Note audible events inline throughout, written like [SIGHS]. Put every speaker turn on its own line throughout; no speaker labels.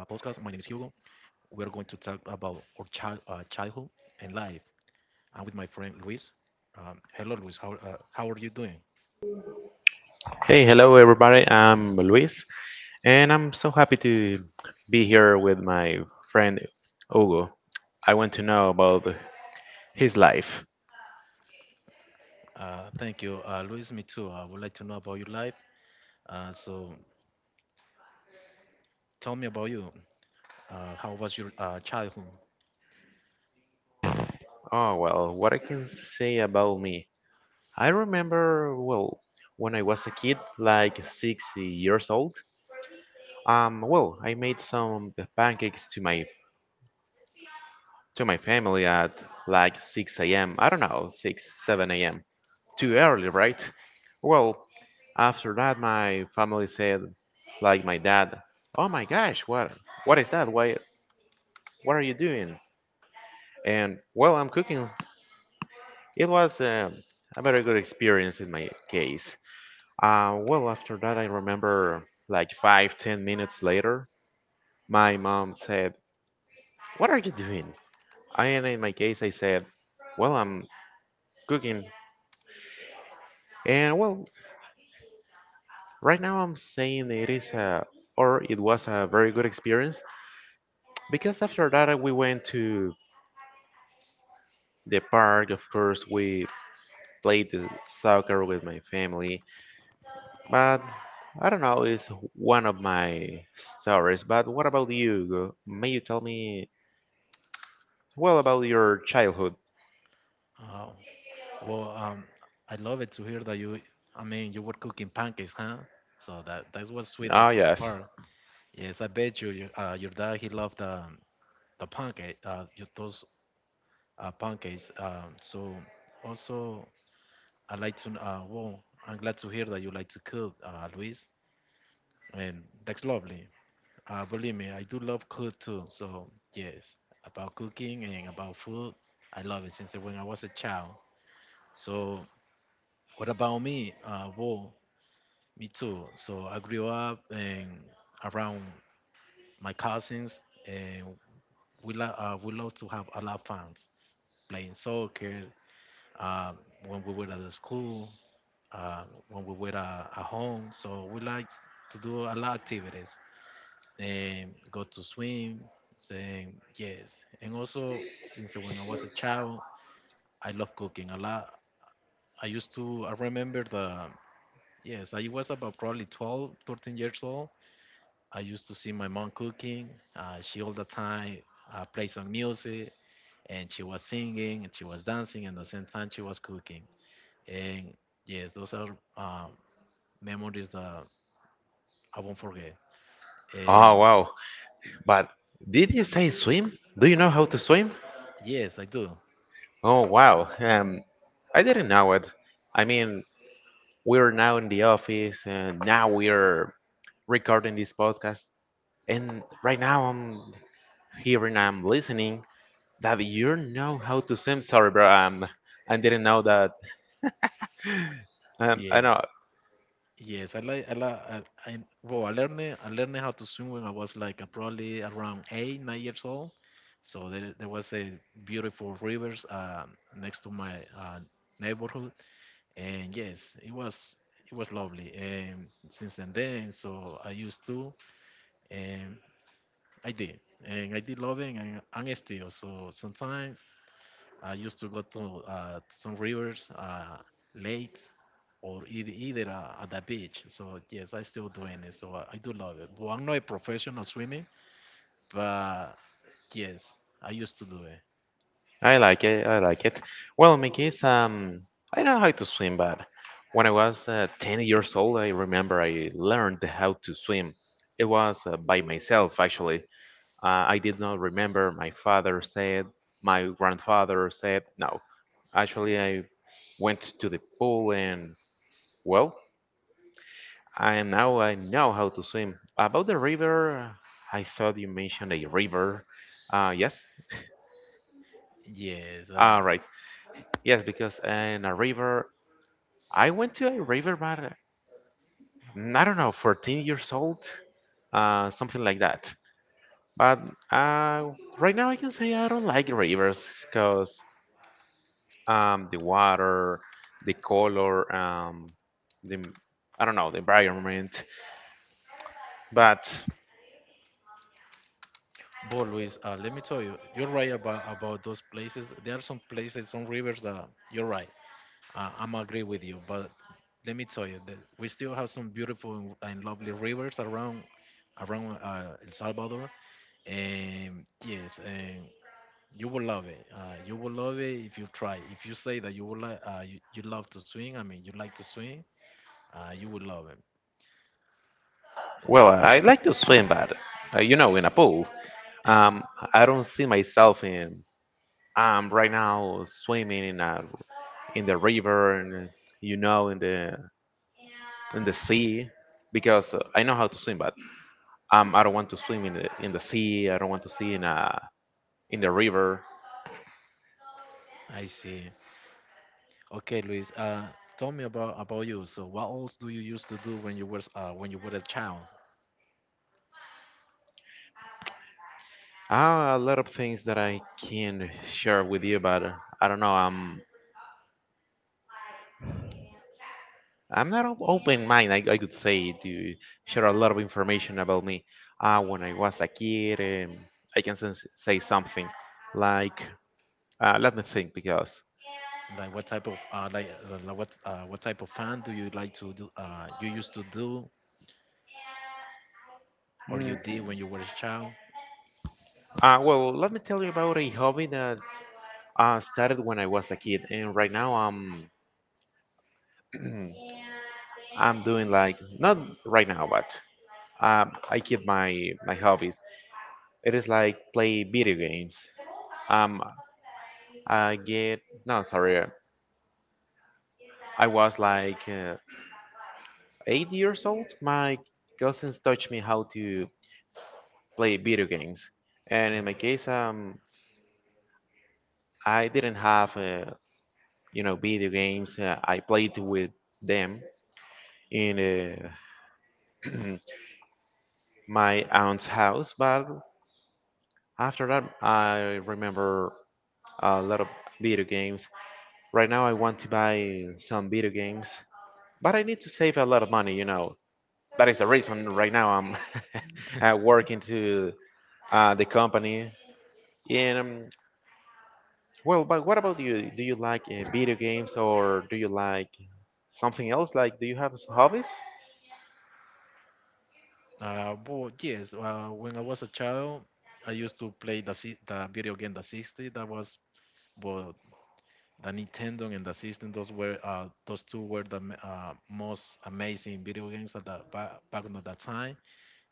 We're going to talk about our childhood and life. I'm with my friend Luis. Hello, Luis. How are you doing?
Hey, hello everybody. I'm Luis, and I'm so happy to be here with my friend Hugo. I want to know about his life.
Thank you, Luis. Me too. I would like to know about your life. So tell me about you. How was your childhood?
Oh, well, what I can say about me. I remember, well, when I was a kid, like 60 years old. Well, I made some pancakes to my family at like 6 a.m. I don't know, 6, 7 a.m. Too early, right? Well, after that, my family said, like my dad, "Oh my gosh, what is that? Why what are you doing?" And, well, I'm cooking. It was a very good experience in my case. Well, after that, I remember like 5, 10 minutes later, my mom said, "What are you doing?" And in my case, I said, "Well, I'm cooking." And, well, right now I'm saying it is a, or it was a very good experience, because after that we went to the park. Of course we played the soccer with my family, but I don't know, it's one of my stories. But what about you? May you tell me, well, about your childhood?
Uh, well, um, I love it to hear that you. I mean, you were cooking pancakes, huh? So that was sweet of
Oh,
your
yes.
part. Yes, I bet your dad he loved the those pancakes. So also, I like to. I'm glad to hear that you like to cook, Luis, and that's lovely. Believe me, I do love cook too. So yes, about cooking and about food, I love it since when I was a child. So what about me? Me too. So I grew up and around my cousins, and we love to have a lot of fun playing soccer. Uh, when we were at the school, uh, when we were at home, so we like to do a lot of activities. Go to swim. Saying yes, and also since when I was a child, I love cooking a lot. I used to I remember the yes I was about probably 12, 13 years old. I used to see my mom cooking. She all the time play some music and she was singing and she was dancing and at the same time she was cooking. And yes, those are memories that I won't forget.
Oh,
And
wow. But did you say swim? Do you know how to swim?
yes, I do.
Oh, wow. I didn't know it. I mean, we're now in the office and now we're recording this podcast, and right now I'm here and I'm listening that you know how to swim. Sorry, bro. I didn't know that. [LAUGHS] I
Yeah,
know.
yes, I well, I learned how to swim when I was like probably around 8 9 years old. So there was a beautiful rivers next to my neighborhood. And yes, it was lovely. And since then, so I used to and and I did loving, and still. So sometimes I used to go to some rivers late, or either at the beach. So yes, I still doing it. So I do love it. But I'm not a professional swimming, but yes, I used to do it.
I like it. I like it. Well, in my case, I know how to swim, but when I was 10 years old, I remember I learned how to swim. It was by myself, actually. I did not remember. My father said, my grandfather said, no. Actually, I went to the pool and, well, I now I know how to swim. About the river, I thought you mentioned a river. Yes.
Yes,
Ah, right. Yes, because in a river, I went to a river, but I don't know, 14 years old, something like that. But uh, right now, I can say I don't like rivers because the water, the color, the I don't know, the environment. But,
but Luis, let me tell you, you're right about those places. There are some places, some rivers that you're right. I'm agree with you, but let me tell you that we still have some beautiful and lovely rivers around El Salvador, and yes, and you will love it. You will love it if you try. If you say that you will like, you love to swim. I mean, you like to swim. You will love it.
well, I like to swim, but you know, in a pool. um, I don't see myself in right now swimming in the river, and you know, in the sea, because I know how to swim, but I don't want to swim in the sea. I don't want to swim in the river.
I see. Okay, Luis. Tell me about you. So, what else do you used to do when you were a child?
A lot of things that I can share with you, but I don't know. I'm not open mind. I could say to share a lot of information about me. When I was a kid, I can say something like, let me think because,
What type of fun do you like to do? You used to do or you
mm,
did when you were a child?
well, let me tell you about a hobby that started when I was a kid, and right now [CLEARS THROAT] I'm doing like not right now, but I keep my hobby. It is like play video games. Um, I get no, sorry. I was like 8 years old. My cousins taught me how to play video games, and in
Mm.
my case, I didn't have video games. I played with them in [CLEARS THROAT] my aunt's house, but after that, I remember a lot of video games. Right now, I want to buy some video games, but I need to save a lot of money. That is the reason right now I'm [LAUGHS] working to the company. And well, but what about you? Do you like video games, or do you like something else? Like, do you have hobbies?
Well, yes. When I was a child, I used to play the video game the 60. That was, well, the Nintendo and the system. Those two were the most amazing video games at the back on that time.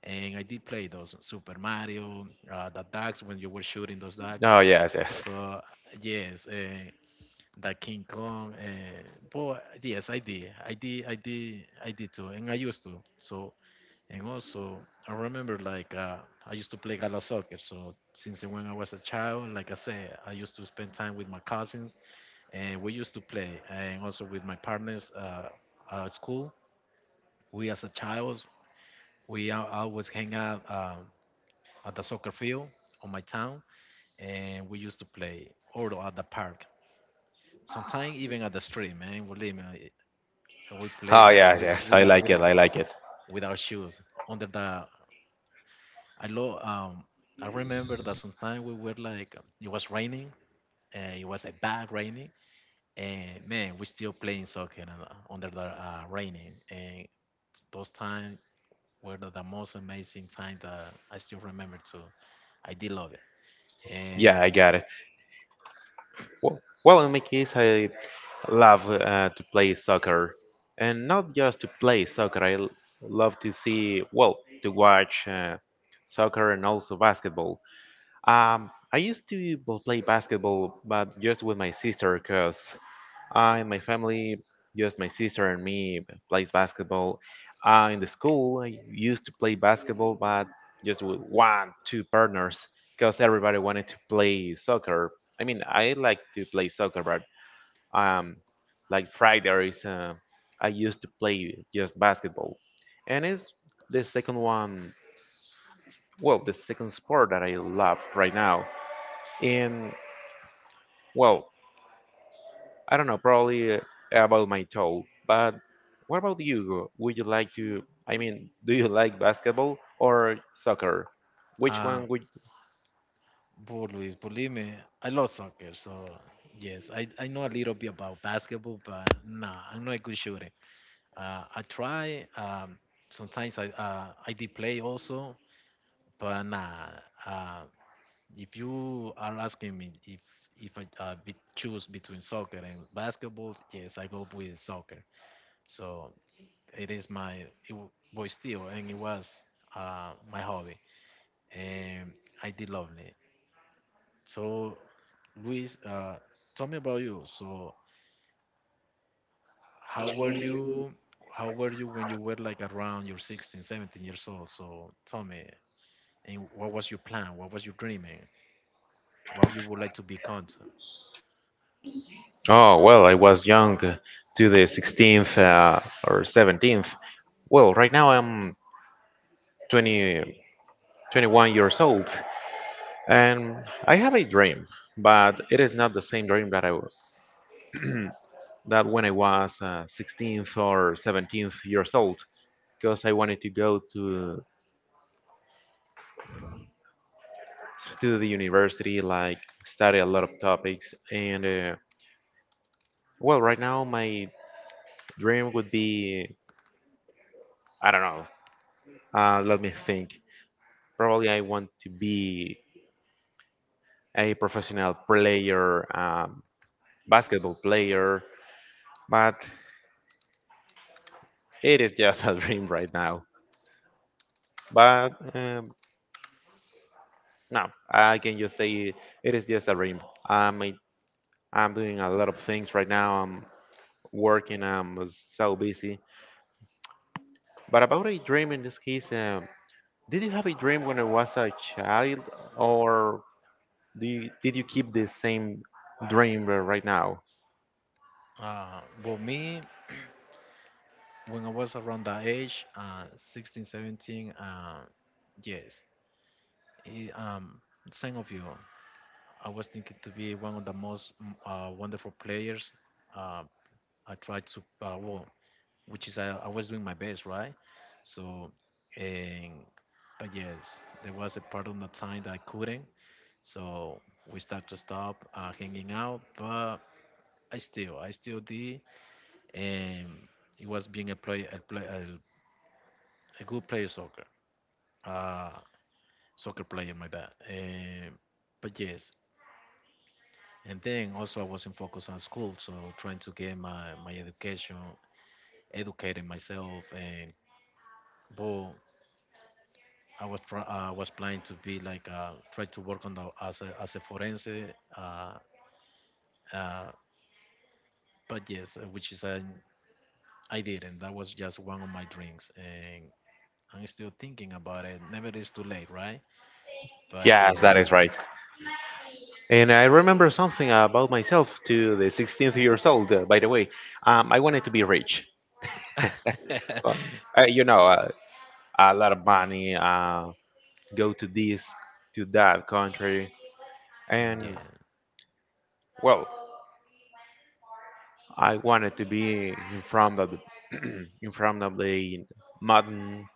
And I did play those Super Mario, the ducks when you were shooting those ducks.
Oh, yes, yes.
So yes, that King Kong. But yes, I did. I did. I did. I did too, and I used to. So and also I remember like I used to play gala soccer. So since when I was a child, like I said, I used to spend time with my cousins, and we used to play, and also with my partners at school. We as a child, we always hang out at the soccer field on my town, and we used to play or at the park sometimes even at the street, man. Believe me, and we play
Oh,
like
yes,
with,
yes. I
without
like it.
without
I like it.
without shoes under the. I lo um I remember that sometime we were like it was raining. It was a bad raining, and man, we still playing soccer and under the raining. And those times were the most amazing time that I still remember too. I did love it.
Yeah,
And
I got it. Well, well, in my case, I love to play soccer, and not just to play soccer. I love to well, to watch soccer and also basketball. I used to play basketball, but just with my sister, cause I and my family, just my sister and me, plays basketball. In the school, I used to play basketball, but just with one, two partners, cause everybody wanted to play soccer. I mean, I like to play soccer, but um, like Fridays, I used to play just basketball, and it's the second one. Well, the second sport that I love right now, and well, I don't know, probably about my toe. But what about you, Hugo? Would you like to? I mean, do you like basketball or soccer? Which
uh,
one would?
but Luis, believe me, I love soccer. So yes, I know a little bit about basketball, but nah, I'm not a good shooter. I try. Sometimes I did play also, but nah. Uh, if you are asking me if I choose between soccer and basketball, yes, I go with soccer. So it is my it w- was still, and it was my hobby, and I did lovely. So Luis, tell me about you. So how were you how were you when you were like around your 16 17 years old, so tell me, and what was your plan, what was your dreaming, what you would like to become.
Oh, well, I was young to the 16th or 17th. Well, right now I'm 20, 21 years old, and I have a dream, but it is not the same dream that that when I was 16th or 17th years old, because I wanted to go to the university, like study a lot of topics. And well, right now my dream would be, I don't know. Let me think. Probably I want to be a professional player, basketball player, but it is just [LAUGHS] a dream right now. But no, I can just say it is just a dream. I'm a- I'm doing a lot of things right now. I'm working. I'm so busy. But about a dream in this case. Did you have a dream when you was a child, or did you keep the same dream right now?
Well, me [CLEARS THROAT] when I was around that age 16 17, yes i- um, same of you, I was thinking to be one of the most wonderful players. uh, I tried to, well, which is I was doing my best, right? So, and but yes, there was a part of the time that I couldn't. So we start to stop hanging out, but I still did, and it was being a good uh, soccer player, my bad. But yes, and then also I wasn't focused on school, so trying to get my education, educating myself, and but was planning to be like try to work on the as a forense, uh, uh, but yes, which is I didn't. That was just one of my dreams, and I'm still thinking about it. Never is too late, right? But
Yes, that
yes,
is right. And I remember something about myself to the 16th years old. By the way, I wanted to be rich. Uh,
[LAUGHS]
uh, you know, uh, a lot of money. Go to this, to that country, and
yeah,
well, I wanted to be in front of the [CLEARS THROAT] in front of the mountain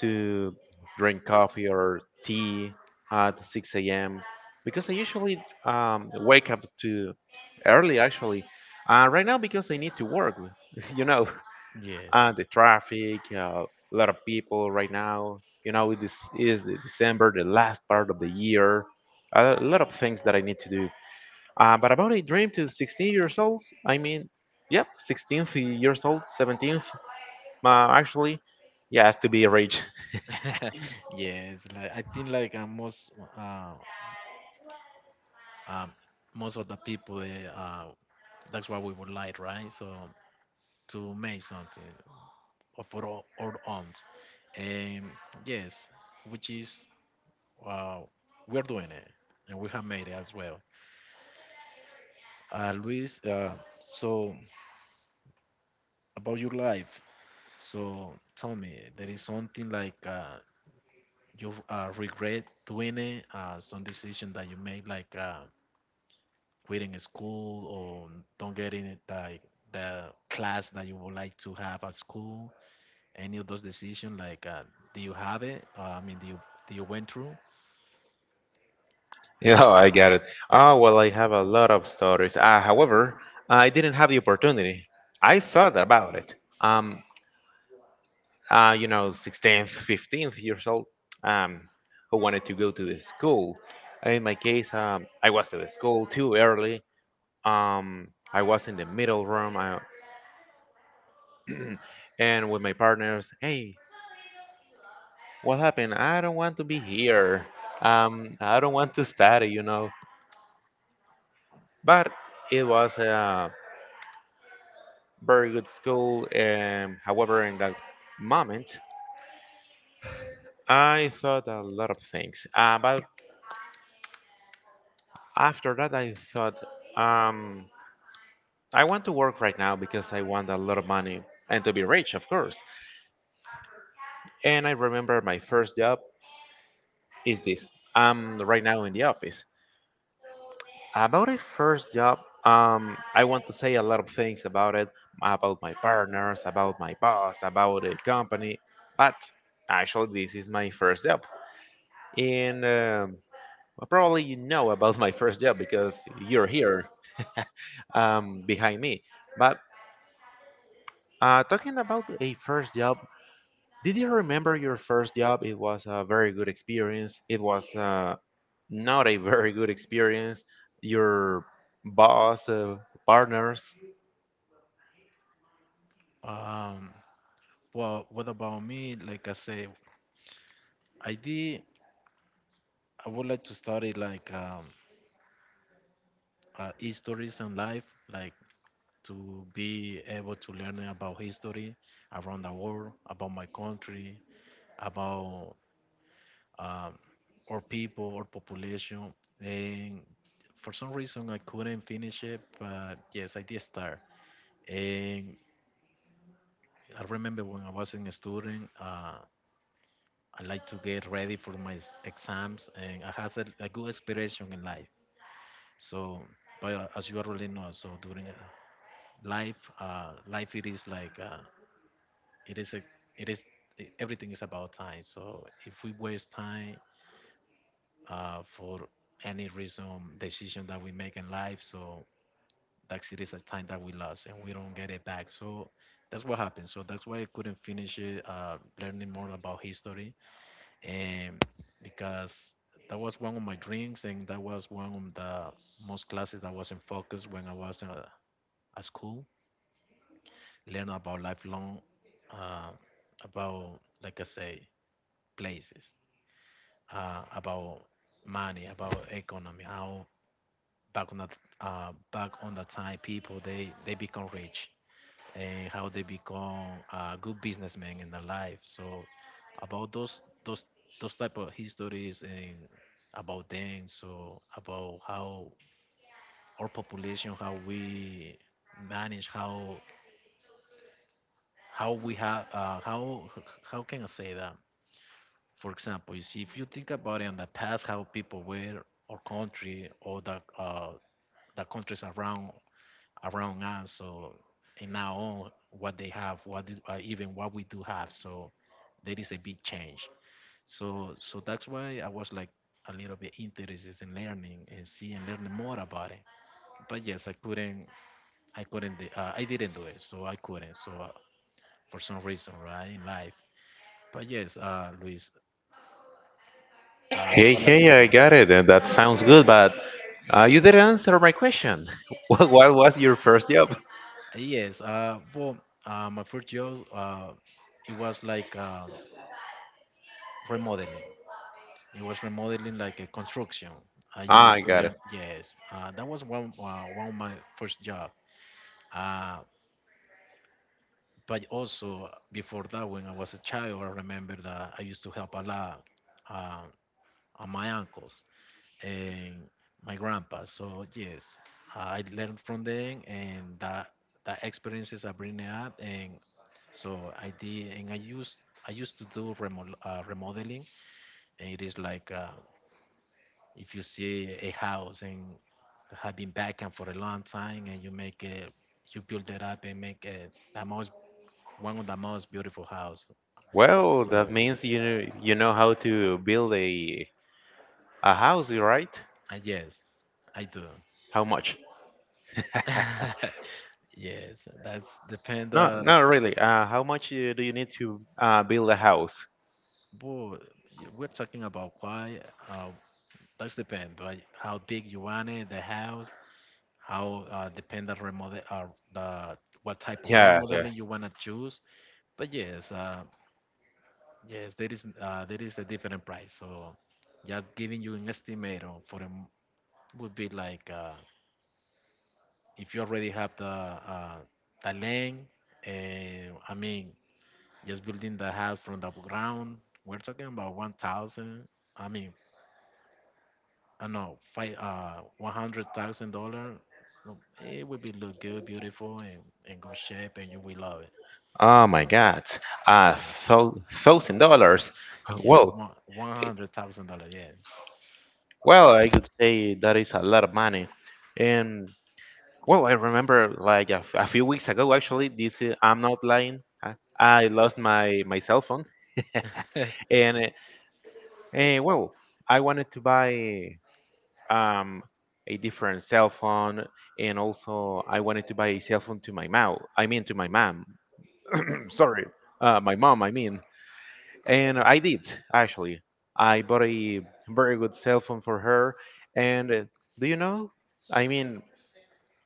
to drink coffee or tea at 6 a.m. because I usually wake up to early, actually. Right now, because I need to work, [LAUGHS] you know,
yes,
the traffic, a lot of people right now. You know, this is the December, the last part of the year. A lot of things that I need to do. But about a dream to 16 years old, I mean, yep, 16th years old, 17th, actually, yes, to be rich.
[LAUGHS] yes. Like I think like uh, um, most of the people that's what we would like, right? So to make something of our own. Um, yes, which is uh, we're doing it, and we have made it as well. Luis, so about your life, so tell me, there is something like you regret doing it, some decision that you made, like quitting school or don't getting it, like the class that you would like to have at school. Any of those decisions, like do you have it? I mean, do you went through?
[LAUGHS] Yeah, I got it. Oh, well, I have a lot of stories. I didn't have the opportunity. I thought about it. Um, 16th, 15th years old, um, who wanted to go to the school. In my case, I was to the school too early. I was in the middle room, [CLEARS THROAT] and with my partners. Hey, what happened? I don't want to be here. I don't want to study. You know, but it was very good school. However, in that moment, I thought a lot of things. But after that, I thought, um, I want to work right now because I want a lot of money and to be rich, of course. And I remember my first job is this. I'm right now in the office. About my first job, I want to say a lot of things about it, about my partners, about my boss, about the company. But actually, this is my first job. And, well, probably you know about my first job because you're here behind me. But talking about a first job, did you remember your first job? It was a very good experience. It was not a very good experience. Your boss, partners.
Um, well, what about me? Like I say, I did. I would like to study like histories and life, like to be able to learn about history around the world, about my country, about um, our people, or population. And for some reason, I couldn't finish it, but yes, I did start. And I remember when I was in a student. I like to get ready for my exams, and I has a good inspiration in life. So, but as you already know, so during life, it is like it is a, it is e- everything is about time. So if we waste time for any reason, decision that we make in life, so that's it is a time that we lost and we don't get it back. So that's what happened. So that's why I couldn't finish it, learning more about history, um, because that was one of my dreams and that was one of the most classes that was in focus when I was at school. Learn about lifelong, uh, about like I say, places, about money, about economy, how back on that back on the time people they become rich and how they become a good businessmen in their life. So about those those type of histories and about them. So about how our population, how we manage, how we have how can I say that? For example, you see, if you think about it, in the past, how people were, or country, or the countries around us. So and now on what they have, what did, even what we do have, so there is a big change. So that's why I was like a little bit interested in learning and see, and learning more about it. But yes, I couldn't, I didn't do it, so I couldn't, for some reason, right, in life. But yes, Luis,
Hey,
but like I
hey, I
said,
got it. And that sounds good, but you didn't answer my question. [LAUGHS] What was your first job?
yes, my first job, it was like remodeling. It was remodeling, like a construction. I
Ah,
used
I
to
got it.
learn, yes, that was one of my first job. Uh, but also before that, when I was a child, I remember that I used to help a lot uh, on my uncles and my grandpa. So yes, I learned from them, and that experiences I bring it up, and so I did, and I used to do remodeling, and it is like. If you see a house and have been backend for a long time, and you make it, you build it up, and make it the most one of the most beautiful house.
Well,
So
that means you know how to build a house, right?
yes, I do.
How much?
[LAUGHS] Yes, that's depend.
No, not really. How much do you need to build a house?
Boy, we're talking about quiet. That's depend, but how big you want it, the house, how depend the remodel, the what type of
Yes,
remodeling
yes.
you wanna choose. But yes, Yes, there is there is a different price. So just giving you an estimate on for them would be like, if you already have the land, I mean, just building the house from the ground, we're talking about 1,000. I mean, I know five $100,000. No, it would be look good, beautiful, and in good shape, and you will love it.
Oh my God, uh,
Yeah.
thou- $1,000.
Yes,
Well,
one
eh,
hundred thousand dollar. Yeah.
well, I could say that is a lot of money. And well, I remember like a few weeks ago, actually. This I'm not lying. I lost my cell phone, [LAUGHS]
[LAUGHS]
and well, I wanted to buy, um, a different cell phone, and also I wanted to buy a cell phone to my mom. I mean, to my mom. [CLEARS THROAT] Sorry, my mom. I mean, and I did actually. I bought a very good cell phone for her, and do you know? I mean,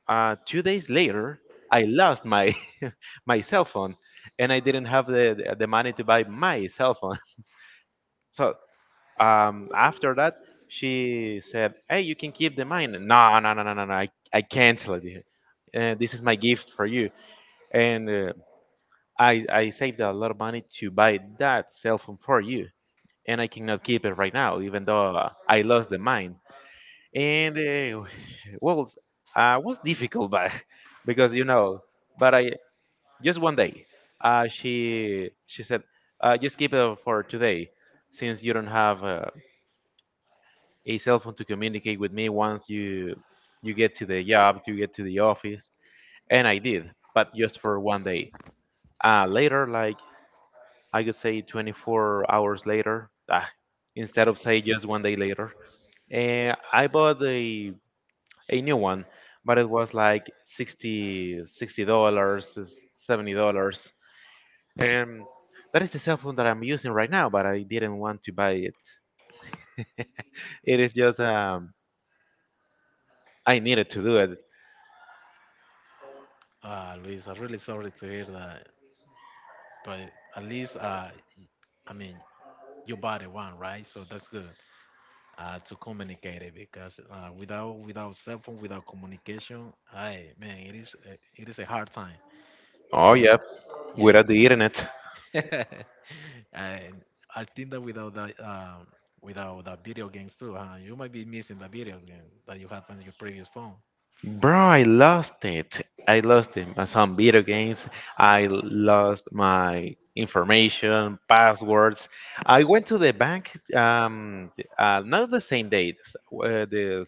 2 days later, I lost my [LAUGHS] my cell phone, and I didn't have the money to buy my cell phone. [LAUGHS] So, after that, she said, "Hey, you can keep the mine." No, no, no, no, no, no. I cancel it. This is my gift for you, and I saved a lot of money to buy that cell phone for you, and I cannot keep it right now, even though I lost the mine. And [SIGHS] well, was difficult, but [LAUGHS] because but I just one day, she said, "Just keep it for today, since you don't have." A cell phone to communicate with me once you get to the job, you get to the office, and I did, but just for one day. Later, like I could say 24 hours later, instead of say just one day later, I bought a new one, but it was like 60 dollars, $70, and that is the cell phone that I'm using right now. But I didn't want to buy it. [LAUGHS] It is just, I needed to do it.
Ah, Luis, I'm really sorry to hear that. But at least, y- I mean, your body, the one, right, so that's good, to communicate it, because without cell phone, without communication, I man, it is a hard time.
Oh
And
yeah,
yes,
without the
and
internet.
[LAUGHS] and I think that without that, without the video games too, huh? You might be missing the video games that you have on your previous phone.
Bro, I lost it. I lost it. My Some video games. I lost my information, passwords. I went to the bank. Not the same day. The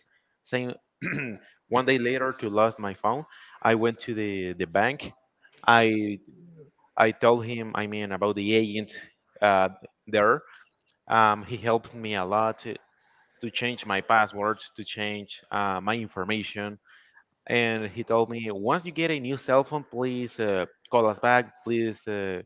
same [CLEARS THROAT] one day later to lost my phone. I went to the bank. I I told him. I mean about the agent uh, there. He helped me a lot to change my passwords, to change my information, and he told me, once you get a new cell phone, please call us back, please, uh,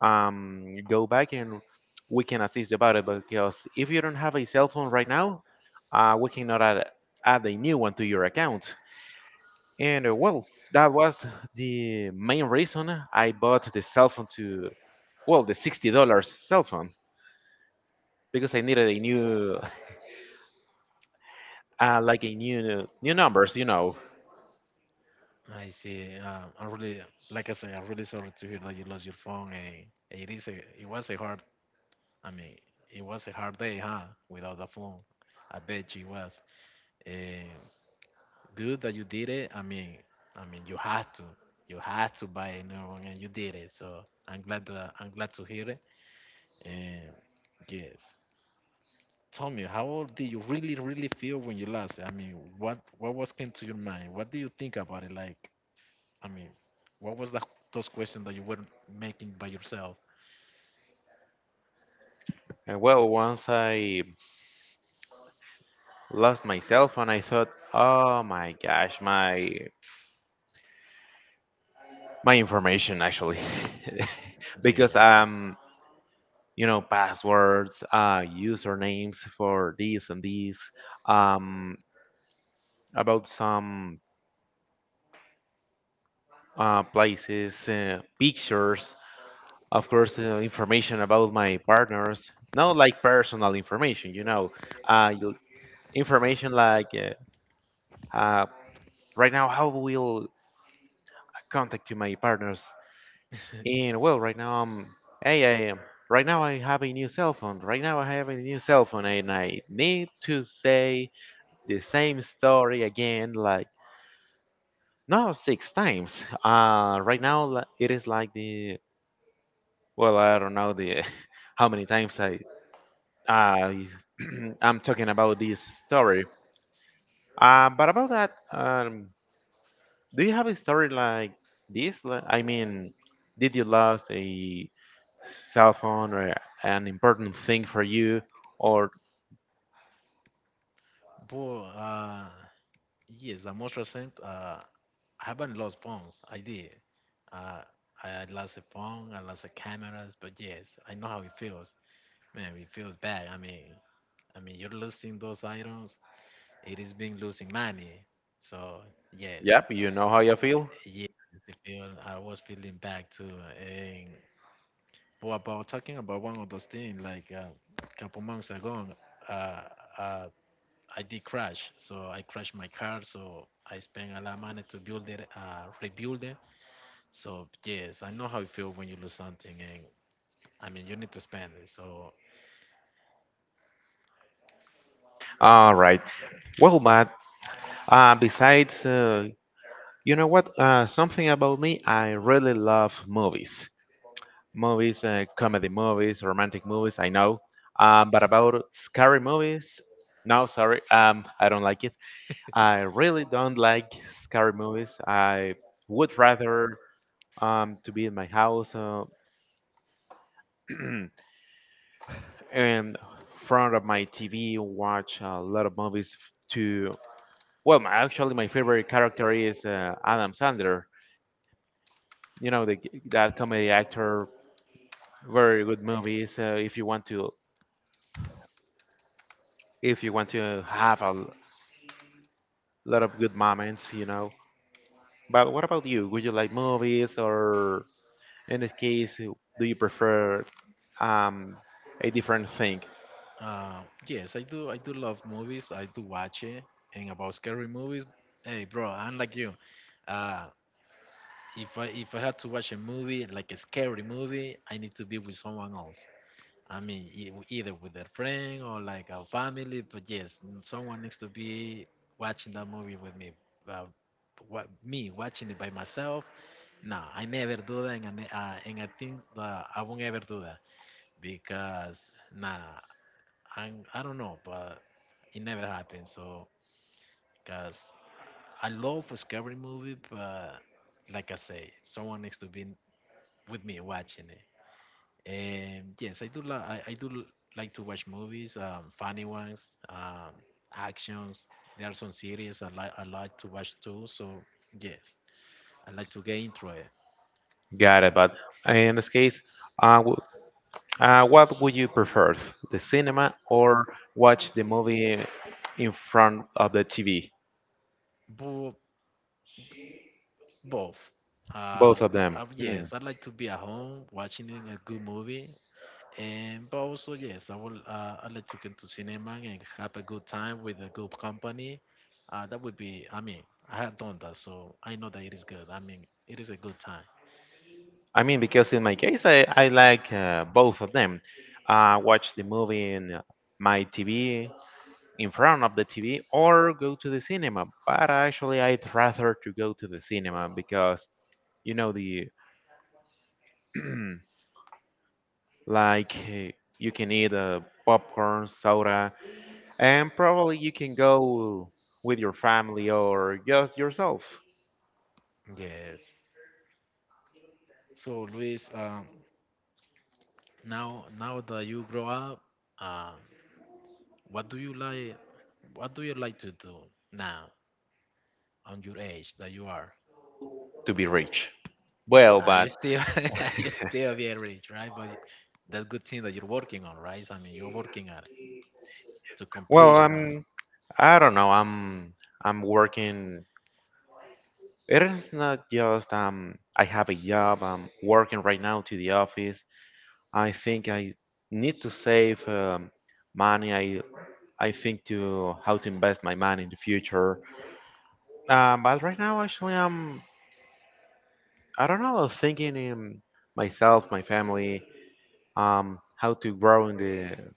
um, go back, and we can assist you about it, because if you don't have a cell phone right now, we cannot add, a new one to your account. And well, that was the main reason I bought the cell phone to, well, the $60 cell phone, because I needed a new [LAUGHS] like a new numbers,
I see. I really, like I said, I'm really sorry to hear that you lost your phone. And it was a hard, I mean, it was a hard day, huh? Without the phone, I bet you it was. Eh, good that you did it. I mean, you had to buy a new one, and you did it. So I'm glad to hear it. And yes, tell me, how old did you really, really feel when you lost it? I mean, what was came to your mind? What do you think about it? Like, I mean, what was that those questions that you were making by yourself?
and well, once I lost myself and I thought, oh my gosh, my information, actually, [LAUGHS] because
Yeah.
passwords, usernames for these and these, um about some places, pictures, of course, information about my partners, not like personal information, uh, you- information like uh, right now, how will I contact to my partners.
[LAUGHS]
And well, right now I'm. Hey, I am. Right now I have a new cell phone. Right now I have a new cell phone, and I need to say the same story again, like no six times. Right now it is like the. Well, I don't know the [LAUGHS] how many times I [CLEARS THROAT] I'm talking about this story. But about that, do you have a story like this? Like, I mean, did you lost a cell phone or an important thing for you, or
But yes, the most recent, I haven't lost phones. I did. Uh, I lost a phone. I lost a cameras. But yes, I know how it feels. Man, it feels bad. I mean, you're losing those items. It is being losing money. So yes,
yep, you know how you feel.
yes, I was feeling bad too. And but about talking about one of those things, like a couple months ago, uh, uh, I did crash. So I crashed my car. So I spent a lot of money to rebuild it. So yes, I know how it feels when you lose something, and I mean, you need to spend it.
All right. Well, but besides, you know what? Something about me, I really love movies. Movies, comedy movies, romantic movies, I know. But about scary movies, no, sorry, I don't like it. I really don't like scary movies. I would rather to be in my house. [CLEARS THROAT] In front of my TV, watch a lot of movies to. Well, my, actually, my favorite character is Adam Sandler. You know, the, that comedy actor. Very good movies. If you want to, if you want to have a lot of good moments, you know. But what about you? Would you like movies, or in this case, do you prefer um, a different thing?
Yes, I do. I do love movies. I do watch it. And about scary movies, hey bro, I'm like you. Uh, if I had to watch a movie, like a scary movie, I need to be with someone else. I mean, either with a friend or like a family. But yes, someone needs to be watching that movie with me. Uh, Me watching it by myself, no, I never do that, and I think that I won't ever do that, because nah, I don't know, but it never happened. So, because I love a scary movie, but like I say, someone needs to be with me watching it. And yes, I do li- I do l- like to watch movies, funny ones, actions. There are some series I like to watch too. So yes, I like to get into it.
Got it. But in this case, uh, w- what would you prefer, the cinema or watch the movie in front of the TV?
But both. Uh,
Both of them. Hmm.
yes, I like to be at home watching a good movie, and but also, yes, I will. I like to go to cinema and have a good time with a good company. That would be. I mean, I have done that, so I know that it is good. I mean, it is a good time.
I mean, because in my case, I like both of them. Watch the movie in my TV, in front of the TV, or go to the cinema. But actually, I'd rather to go to the cinema because you know the [CLEARS THROAT] like uh, you can eat popcorn, soda, and probably you can go with your family or just yourself
Yes. So Luis, now that you grow up, um, what do you like? What do you like to do now on your age that you are?
to be rich. Well, but
You still [LAUGHS] you still be rich, right? But that's good thing that you're working on, right? I mean, you're working at it to
well,
complete that.
I don't know. I'm working. It is not just I have a job. I'm working right now to the office. I think I need to save money. I think to how to invest my money in the future. But right now, actually, I don't know. Thinking in myself, my family. How to grow in the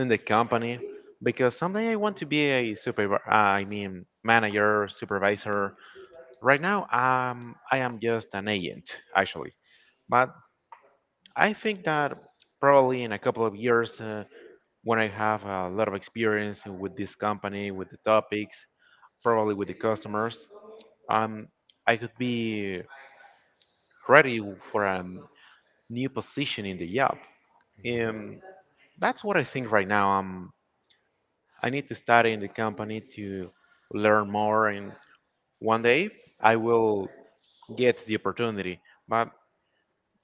in the company, because someday I want to be a super I mean, manager, supervisor. Right now, I am just an agent, actually, but I think that probably in a couple of years, when I have a lot of experience with this company, with the topics, probably with the customers, um, I could be ready for a new position in the job.
Yeah.
Um, that's what I think right now. I need to study in the company to learn more, and one day I will get the opportunity. But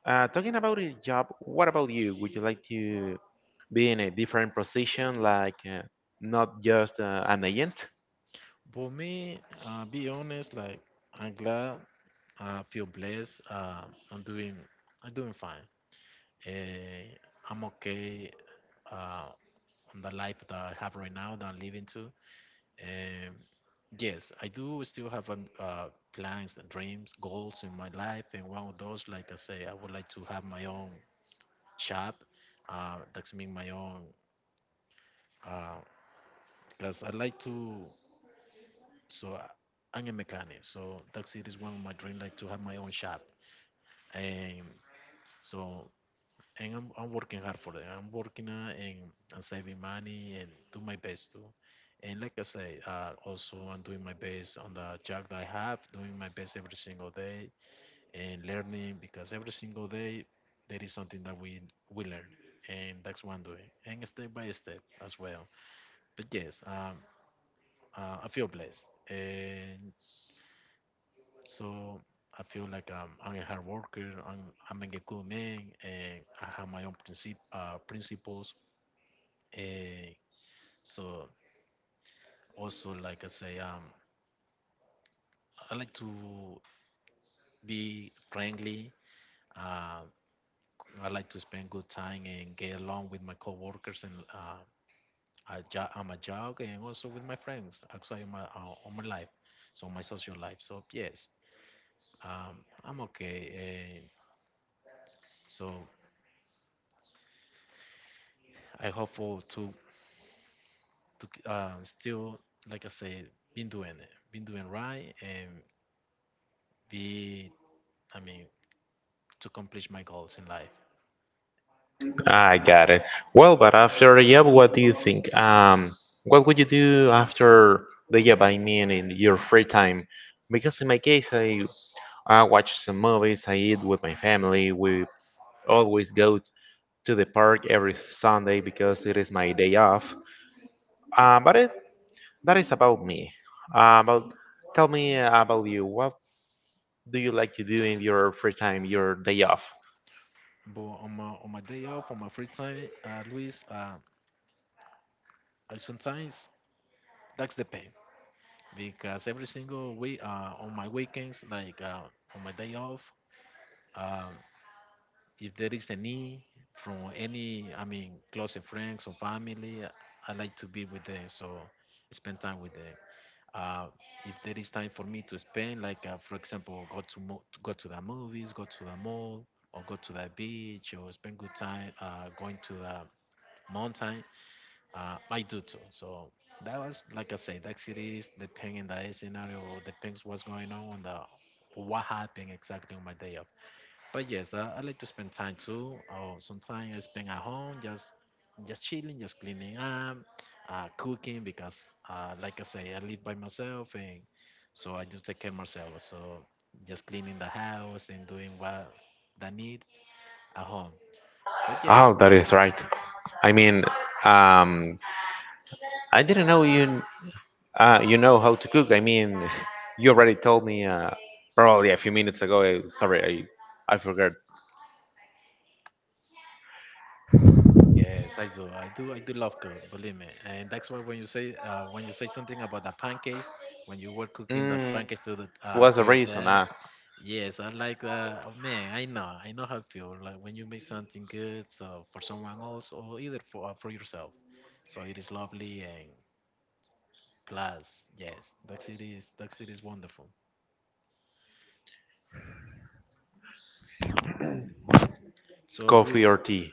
uh, talking about a job, what about you? Would you like to be in a different position, like not just an agent?
For me, be honest, like I'm glad, I feel blessed. I'm doing, I'm doing fine. Eh, I'm okay, uh, on the life that I have right now that I'm living to. Um, yes, I do still have plans and dreams, goals in my life. And one of those, like I say, I would like to have my own shop, that's me my own, uh, because I like to, so I'm a mechanic, so that's, it is one of my dream, like to have my own shop. And so and I'm working hard for it. I'm working, and saving money, and do my best too. And like I say, also I'm doing my best on the job that I have, doing my best every single day and learning, because every single day there is something that we learn. And that's one doing, and step by step as well. But yes, I feel blessed. And so I feel like, I'm a hard worker. I'm a good man, and I have my own principles. And so also, like I say, I like to be friendly. Uh, I like to spend good time and get along with my coworkers, and I'm a jog, and also with my friends outside of my on my life, so my social life. So yes, Um, I'm okay. So I hopeful to still, like I said, been doing it, been doing right, and be, I mean, to accomplish my goals in life.
I got it. Well, but after the job, what do you think? What would you do after the job? I mean, in your free time? Because in my case, I watch some movies. I eat with my family. We always go to the park every Sunday because it is my day off. But it, that is about me. About tell me about you. What do you like to do in your free time, your day off?
But on my day off, on my free time, Luis, I sometimes that's the pain, because every single week, on my weekends, on my day off. Um, If there is a need from any, I mean, close friends or family, I like to be with them. So spend time with them. Uh, if there is time for me to spend, like, for example, go to the movies, go to the mall, or go to the beach, or spend good time, going to the mountain, I do too. So that was like I said, that cities depending on the scenario, depends what's going on the what happened exactly on my day off. But yes, I like to spend time too. Oh, sometimes I spend at home, just chilling, just cleaning up, cooking, because, like I say, I live by myself, and so I do take care of myself. So just cleaning the house and doing what that needs at home. But yes,
Oh, that is right. I mean, um, I didn't know you know how to cook. I mean, [LAUGHS] you already told me probably a few minutes ago. Sorry, I forgot.
yes, I do love food. Believe me. And that's why when you say something about the pancakes, when you were cooking the
Mm,
pancakes
what's
to
the
your
reason?
dad,
Ah,
yes, I like that. Oh, man, I know how it feels like when you make something good, so for someone else or either for yourself. So it is lovely, and plus, yes, that city is wonderful. So Luis,
coffee or tea?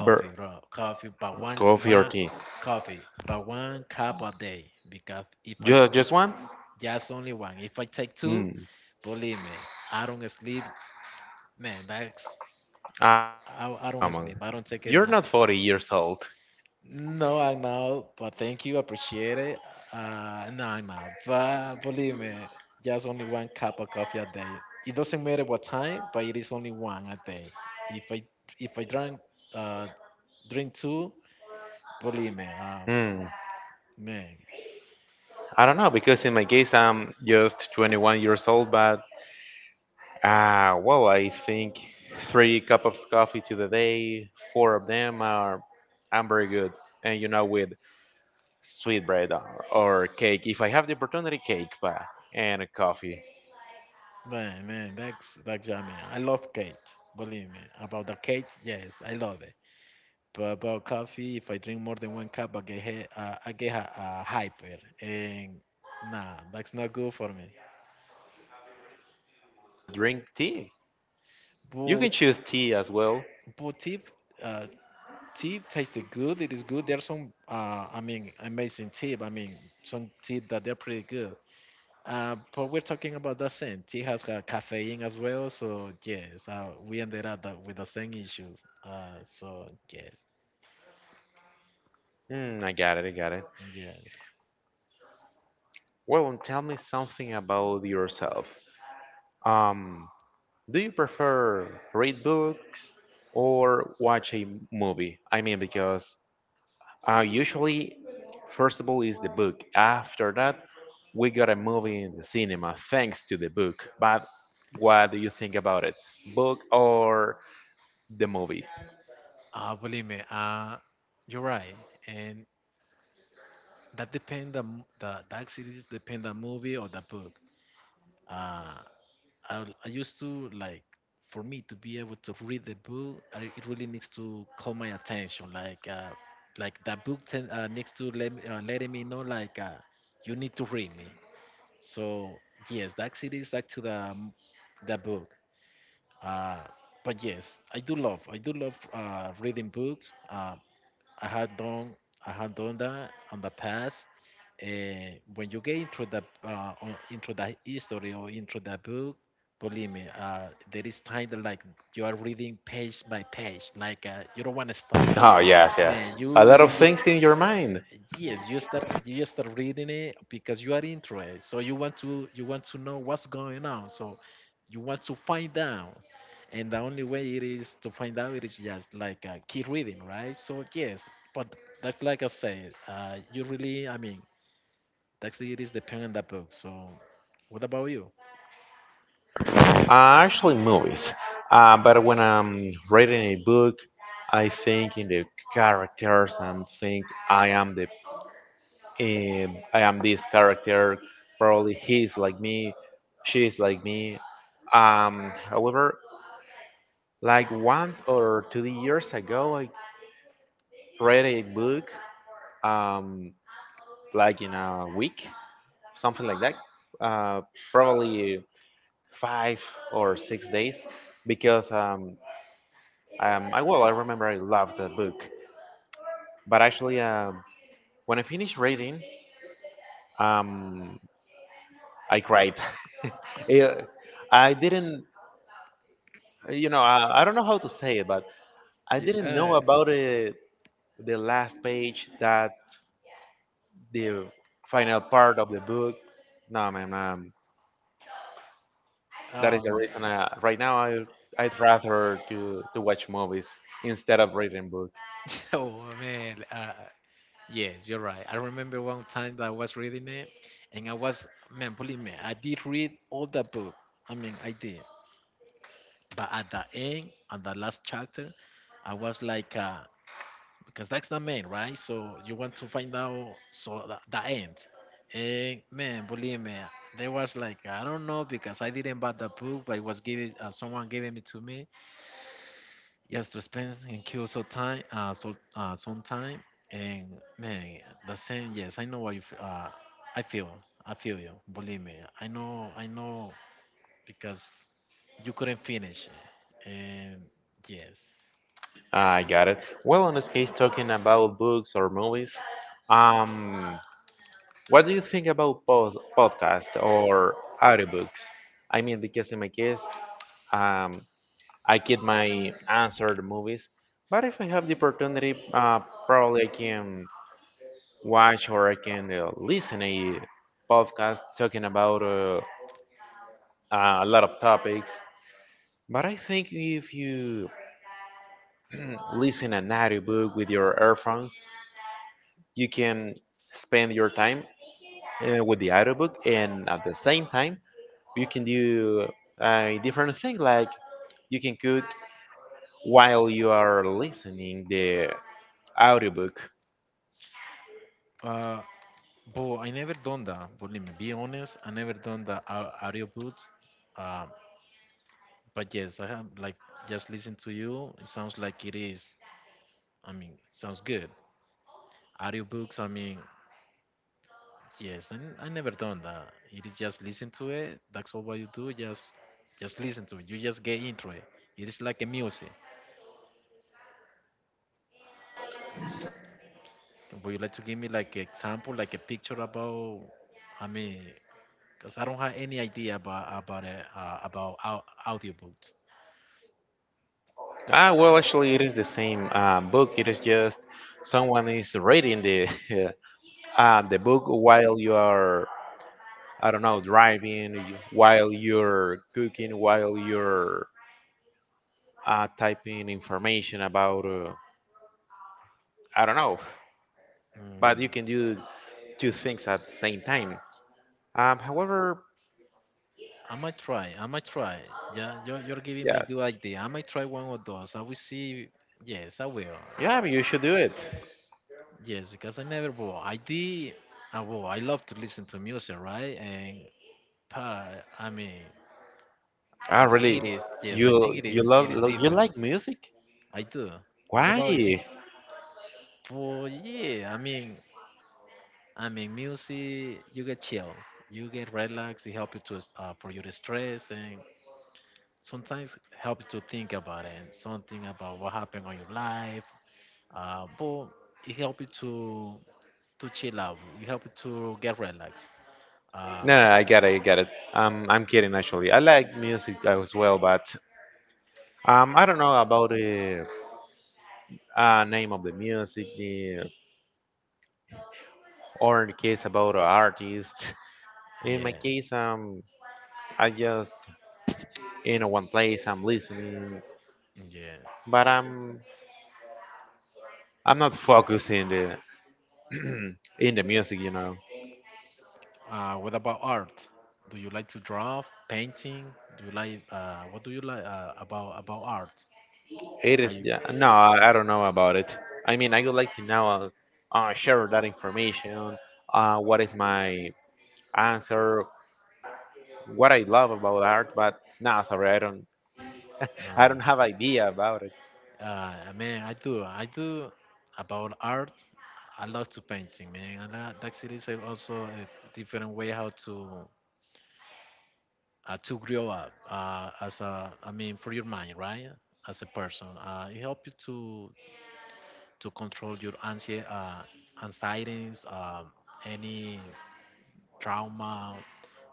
Bur-
bro, coffee, but one
coffee or
one
tea?
coffee, but one cup a day, because if I
Just one?
just only one, if I take two,
Mm.
believe me, I don't sleep, man. That's I don't
Come
sleep.
on.
I don't take it.
You're not 40 years old.
No, I'm out, but thank you, appreciate it. No, I'm out, but believe me, just only one cup of coffee a day. It doesn't matter what time, but it is only one a day. If I if I drank uh drink two, believe me,
Hmm.
man,
I don't know, because in my case, I'm just 21 years old, but, well, I think three cups of coffee to the day, four of them are, I'm very good. And, you know, with sweet bread or cake, if I have the opportunity, cake, but, and coffee.
man, man, that's yummy. I love cake, believe me. About the cake, yes, I love it. But about coffee, if I drink more than one cup, I get I get a hyper, and nah, that's not good for me.
Drink tea. You can
But
choose tea as well.
But tip, uh, tip tasted good. It is good. There's some, amazing tip. I mean, some tip that they're pretty good. But we're talking about the same. Tea has got caffeine as well, so yes, we ended up that with the same issues. Yes,
Hmm, I got it, I got it.
yes.
Well, tell me something about yourself. Um, Do you prefer read books or watch a movie? I mean, because usually, first of all, is the book. After that, we got a movie in the cinema thanks to the book. But what do you think about it? Book or the movie?
Believe me, you're right, and that depend the accidents depend the movie or the book. Uh, I used to like for me to be able to read the book, it really needs to call my attention. Like that book ten, needs to let me, letting me know like you need to read me. So yes, that's it is back to the book. Uh, but yes, I do love reading books. I had done I had done that on the past. When you get into the into the history or into the book, believe me, there is time that like you are reading page by page, like you don't want to stop.
Oh, yes,
Man,
yes. A
you
lot of
you just
things in your mind.
yes you start reading it because you are interested so you want to know what's going on so you want to find out and the only way it is to find out it is just like keep reading right so yes but that's like I said, you really that's it is dependent on the book. So what about you?
Uh, actually, movies. But when I'm reading a book, I think in the characters and think I am the I am this character. Probably he is like me, she is like me. However, like 1 or 2 years ago, I read a book, um, like in a week, something like that. Uh, probably 5 or 6 days, because I, well, I remember I loved that book. But actually, when I finished reading, um, I cried. [LAUGHS] Yeah, I didn't, I don't know how to say it, but I didn't know
Yeah,
about it, the last page, that the final part of the book, no man,
uh,
that is the
um,
reason I, right now I'd rather to watch movies instead of reading books.
[LAUGHS] oh man, yes, you're right. I remember one time that I was reading it, and I was, man, believe me, I did read all the book. I mean, I did. But at the end, at the last chapter, I was like, because that's the main, right? So you want to find out, so the end. And man, believe me, there was like, I don't know, because I didn't buy the book, but it was given, someone giving it to me. Yes, to spend and kill so time, some time, and man, the same. Yes, I know what you. F- I feel. I feel you. Believe me. I know. I know because you couldn't finish, and yes.
I got it. Well, in this case, talking about books or movies, um what do you think about podcast or audiobooks? I mean, because in my case, um, I keep my answer the movies. But if I have the opportunity, probably I can watch or I can listen a podcast talking about a lot of topics. But I think if you [CLEARS THROAT] listen an audiobook with your earphones, you can spend your time with the audiobook, and at the same time, you can do a different thing, like you can cook while you are listening the audiobook.
Uh, but I never done that. Believe me. Be honest. I never done the audio boot. Um, but yes, I have like just listen to you. It sounds like it is. I mean, sounds good. Audiobooks. I mean, yes, and I never done that. It is just listen to it. That's all what you do. Just listen to it. You just get into it. It is like a music. Would you like to give me like an example, like a picture about? I mean, because I don't have any idea about it, audiobooks.
Ah, well, actually, it is the same book. It is just someone is reading the [LAUGHS] the book while you are, I don't know, driving, while you're cooking, while you're typing information about, I don't know. But
Mm,
you can do two things at the same time. However,
I might try. I might try. Yeah, you're giving me a
yeah,
good idea. I might try one of those. I will see. Yes, I will.
yeah, you should do it.
Yes, because I never well, I did. Well, I love to listen to music, right? And Pie. I mean,
Ah,
I
really?
think it is. Yes, I think
You
it
you
is.
love
It is
lo- you
different.
like music?
I do. What
Why?
about you? Well, yeah. Music. You get chill. You get relaxed. It help you to for your stress and sometimes help you to think about it and something about what happened on your life. But it help you to chill out. It help you to get relaxed. Uh,
No, no, I get it, I get it. I'm kidding, actually. I like music as well, but I don't know about the name of the music, the, or in the case about the artist. In my
yeah,
case, I just in one place I'm listening,
yeah.
but I'm not focusing the [CLEARS THROAT] in the music, you know.
What about art? Do you like to draw, painting? Do you like what do you like about art?
It
Are
is
you
yeah, no, I don't know about it. I mean, I would like to know, share that information. What is my answer? What I love about art, but nah, sorry, I
uh,
don't have idea about it.
man? I do. I do about art. I love to painting, man. And that is also a different way how to grow up as a. I mean, for your mind, right? As a person, it helps you to control your anxiety, anxieties, any trauma.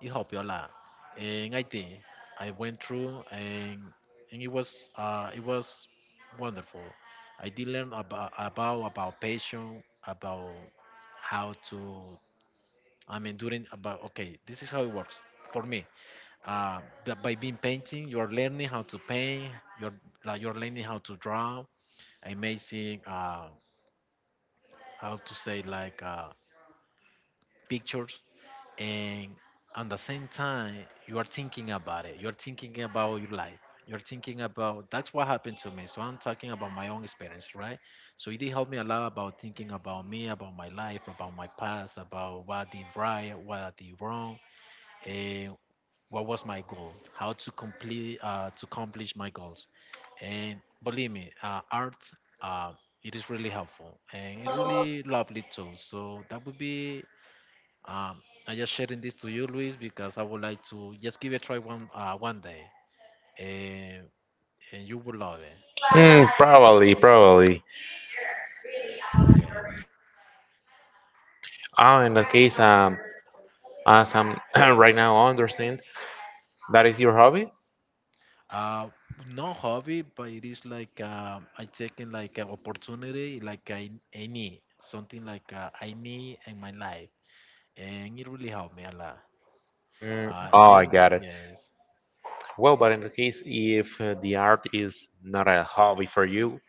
It helped me a lot, and I did. I went through, and it was wonderful. I did learn about patience, about how to. I mean, during about okay, this is how it works for me. Uh, but by being painting, you are learning how to paint. You're like you're learning how to draw amazing. How to say like pictures and at the same time you are thinking about it you're thinking about your life you're thinking about that's what happened to me so I'm talking about my own experience right so it did help me a lot about thinking about me about my life about my past about what I did right what I did wrong and what was my goal how to complete to accomplish my goals and believe me art uh, it is really helpful and it really lovely too. So that would be I just sharing this to you, Luis, because I would like to just give it a try one day, and you will love it.
Mm, probably, probably.
Yes.
Oh, in that case, as I'm [CLEARS THROAT] right now understand, that is your hobby?
Uh, no hobby, but it is like I taking like an opportunity, like I need something like I need in my life, and it really helped me a lot.
Mm, oh, I
And
got it.
yes,
Well, but in the case, if the art is not a hobby for you,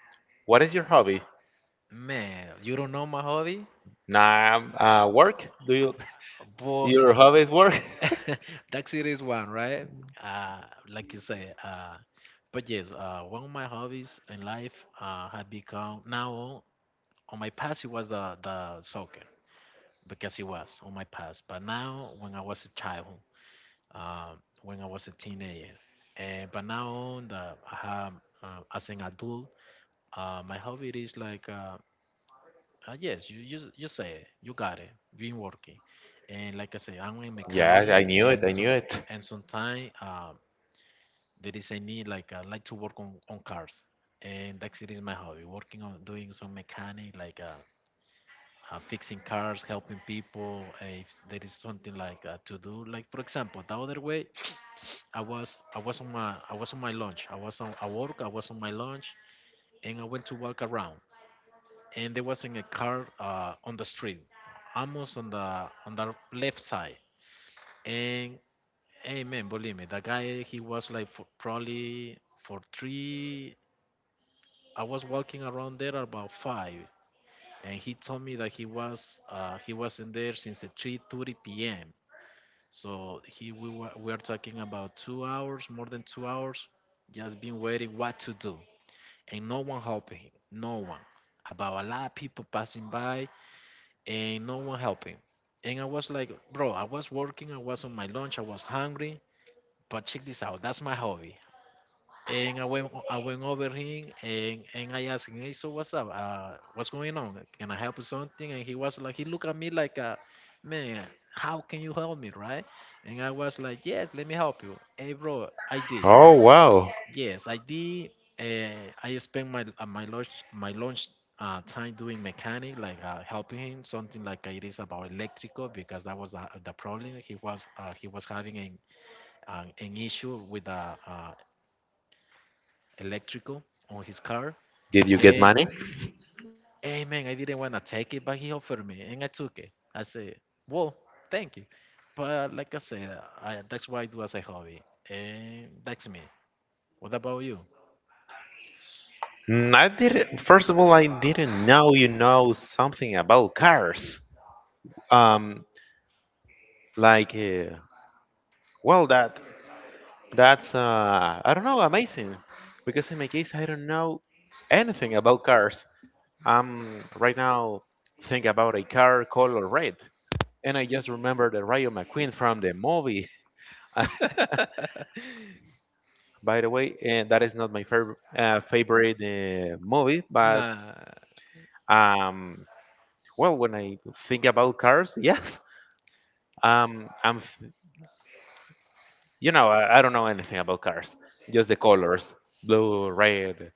what is your hobby?
man, you don't know my hobby,
Nah, work? Do you [LAUGHS]
but
your hobby is work? [LAUGHS]
[LAUGHS] Dark City is one, right? Uh, like you say. But yes, one of my hobbies in life had become now on my past it was the soccer because it was on my past. But now when I was a child, um, when I was a teenager, but now on the I have, as an adult, my hobby is like yes, you say it. You got it. Been working, and like I say, I'm a
Yes, I
mechanic,
knew it. I knew it.
and sometimes there is a need. Like I like to work on cars, and that's it is my hobby. Working on doing some mechanic, like fixing cars, helping people. If there is something like to do, like for example, the other way, [SNIFFS] I was on my lunch. I was on I work. I was on my lunch, and I went to walk around. And there was in a car on the street, almost on the left side. And hey man, believe me, the guy he was like for probably for three. I was walking around there about five, and he told me that he was in there since the 3:30 p.m. So we are talking about 2 hours, more than 2 hours, just been waiting what to do, and no one helping him, no one. About a lot of people passing by, and no one helping. And I was like, bro, I was working, I was on my lunch, I was hungry, but check this out, that's my hobby. And I went over him and I asked him, hey, so what's up? What's going on? Can I help you something? And he was like, he looked at me like, man, how can you help me, right? And I was like, yes, let me help you. Hey, bro, I did.
Oh, wow.
Yes, I did. I spent my lunch time doing mechanic, like helping him something like it is about electrical because that was the problem he was having an issue with the uh, electrical on his car.
Did you get
And
money?
hey man, I didn't want to take it, but he offered me, and I took it. I said, "Well, thank you," but like I said, that's what I do as a hobby, and that's me. What about you?
Mm, I didn't. First of all, I didn't know something about cars. Um, like, uh, well, that's I don't know, amazing. Because in my case, I don't know anything about cars. I'm right now thinking about a car color red, and I just remember the Rayo McQueen from the movie. [LAUGHS]
[LAUGHS]
By the way, and that is not my favorite favorite movie, but
Nah.
um, well, when I think about cars, [LAUGHS] yes, Um, I'm, f- you know, I don't know anything about cars, just the colors, blue, red.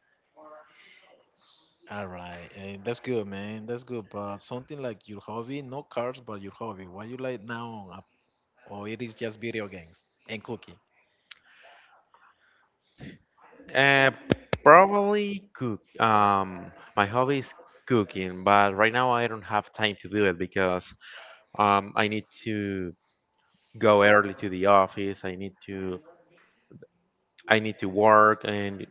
All right, and that's good, man. That's good. But something like your hobby, no cars, but your hobby. What you like now, or it is just video games and cooking.
Uh, probably cook. My hobby is cooking, but right now I don't have time to do it, because I need to go early to the office. I need to work, and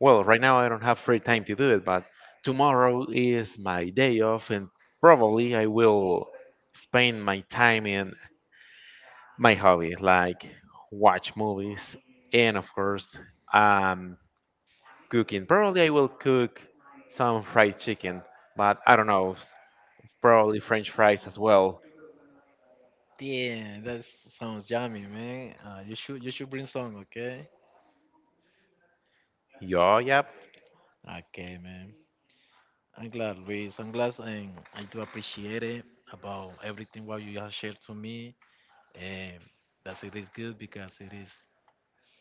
well, right now I don't have free time to do it. But tomorrow is my day off, and probably I will spend my time in my hobby, like watch movies, and of course um cooking. Probably I will cook some fried chicken, but I don't know, probably french fries as well.
Yeah, that sounds yummy, man. You should bring some, okay?
Yeah, yep.
Okay, man. I'm glad, Luis. I'm glad, and I do appreciate it about everything what you have shared to me. And that's it is good because it is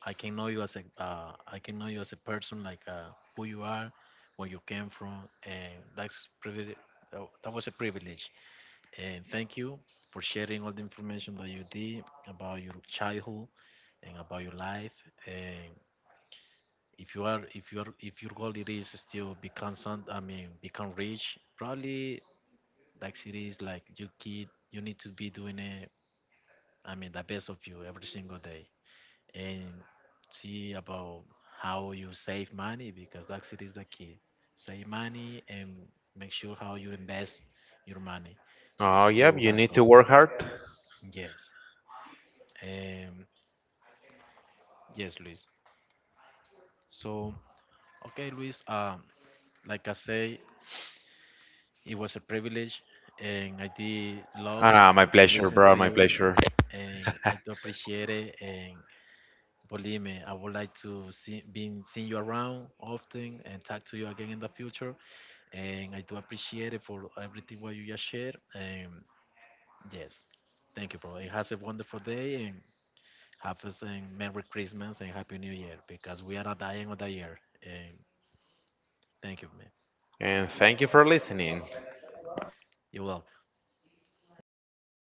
I can know you as a I can know you as a person, like who you are, where you came from, and that's privilege. Oh, that was a privilege, and thank you for sharing all the information that you did about your childhood and about your life. And if you are, if you are, if your goal it is still become some, I mean, become rich, probably like it is like you kid, you need to be doing it. I mean, the best of you every single day. And see about how you save money because that's it is the key. Save money and make sure how you invest your money
Oh yep,
to
you
have
need to
something.
work hard.
Yes. Um, yes, Luis. So, okay, Luis. Like I say, it was a privilege, and I did love
My
to
pleasure,
listen to
bro, my
you,
pleasure,
and I do appreciate it. And believe me, I would like to seeing you around often and talk to you again in the future. And I do appreciate it for everything what you just shared. And yes, thank you, bro. And have a wonderful day and have a saying Merry Christmas and Happy New Year because we are at the end of the year. And thank you, man.
and thank you for listening.
You're welcome. Goodbye, bro.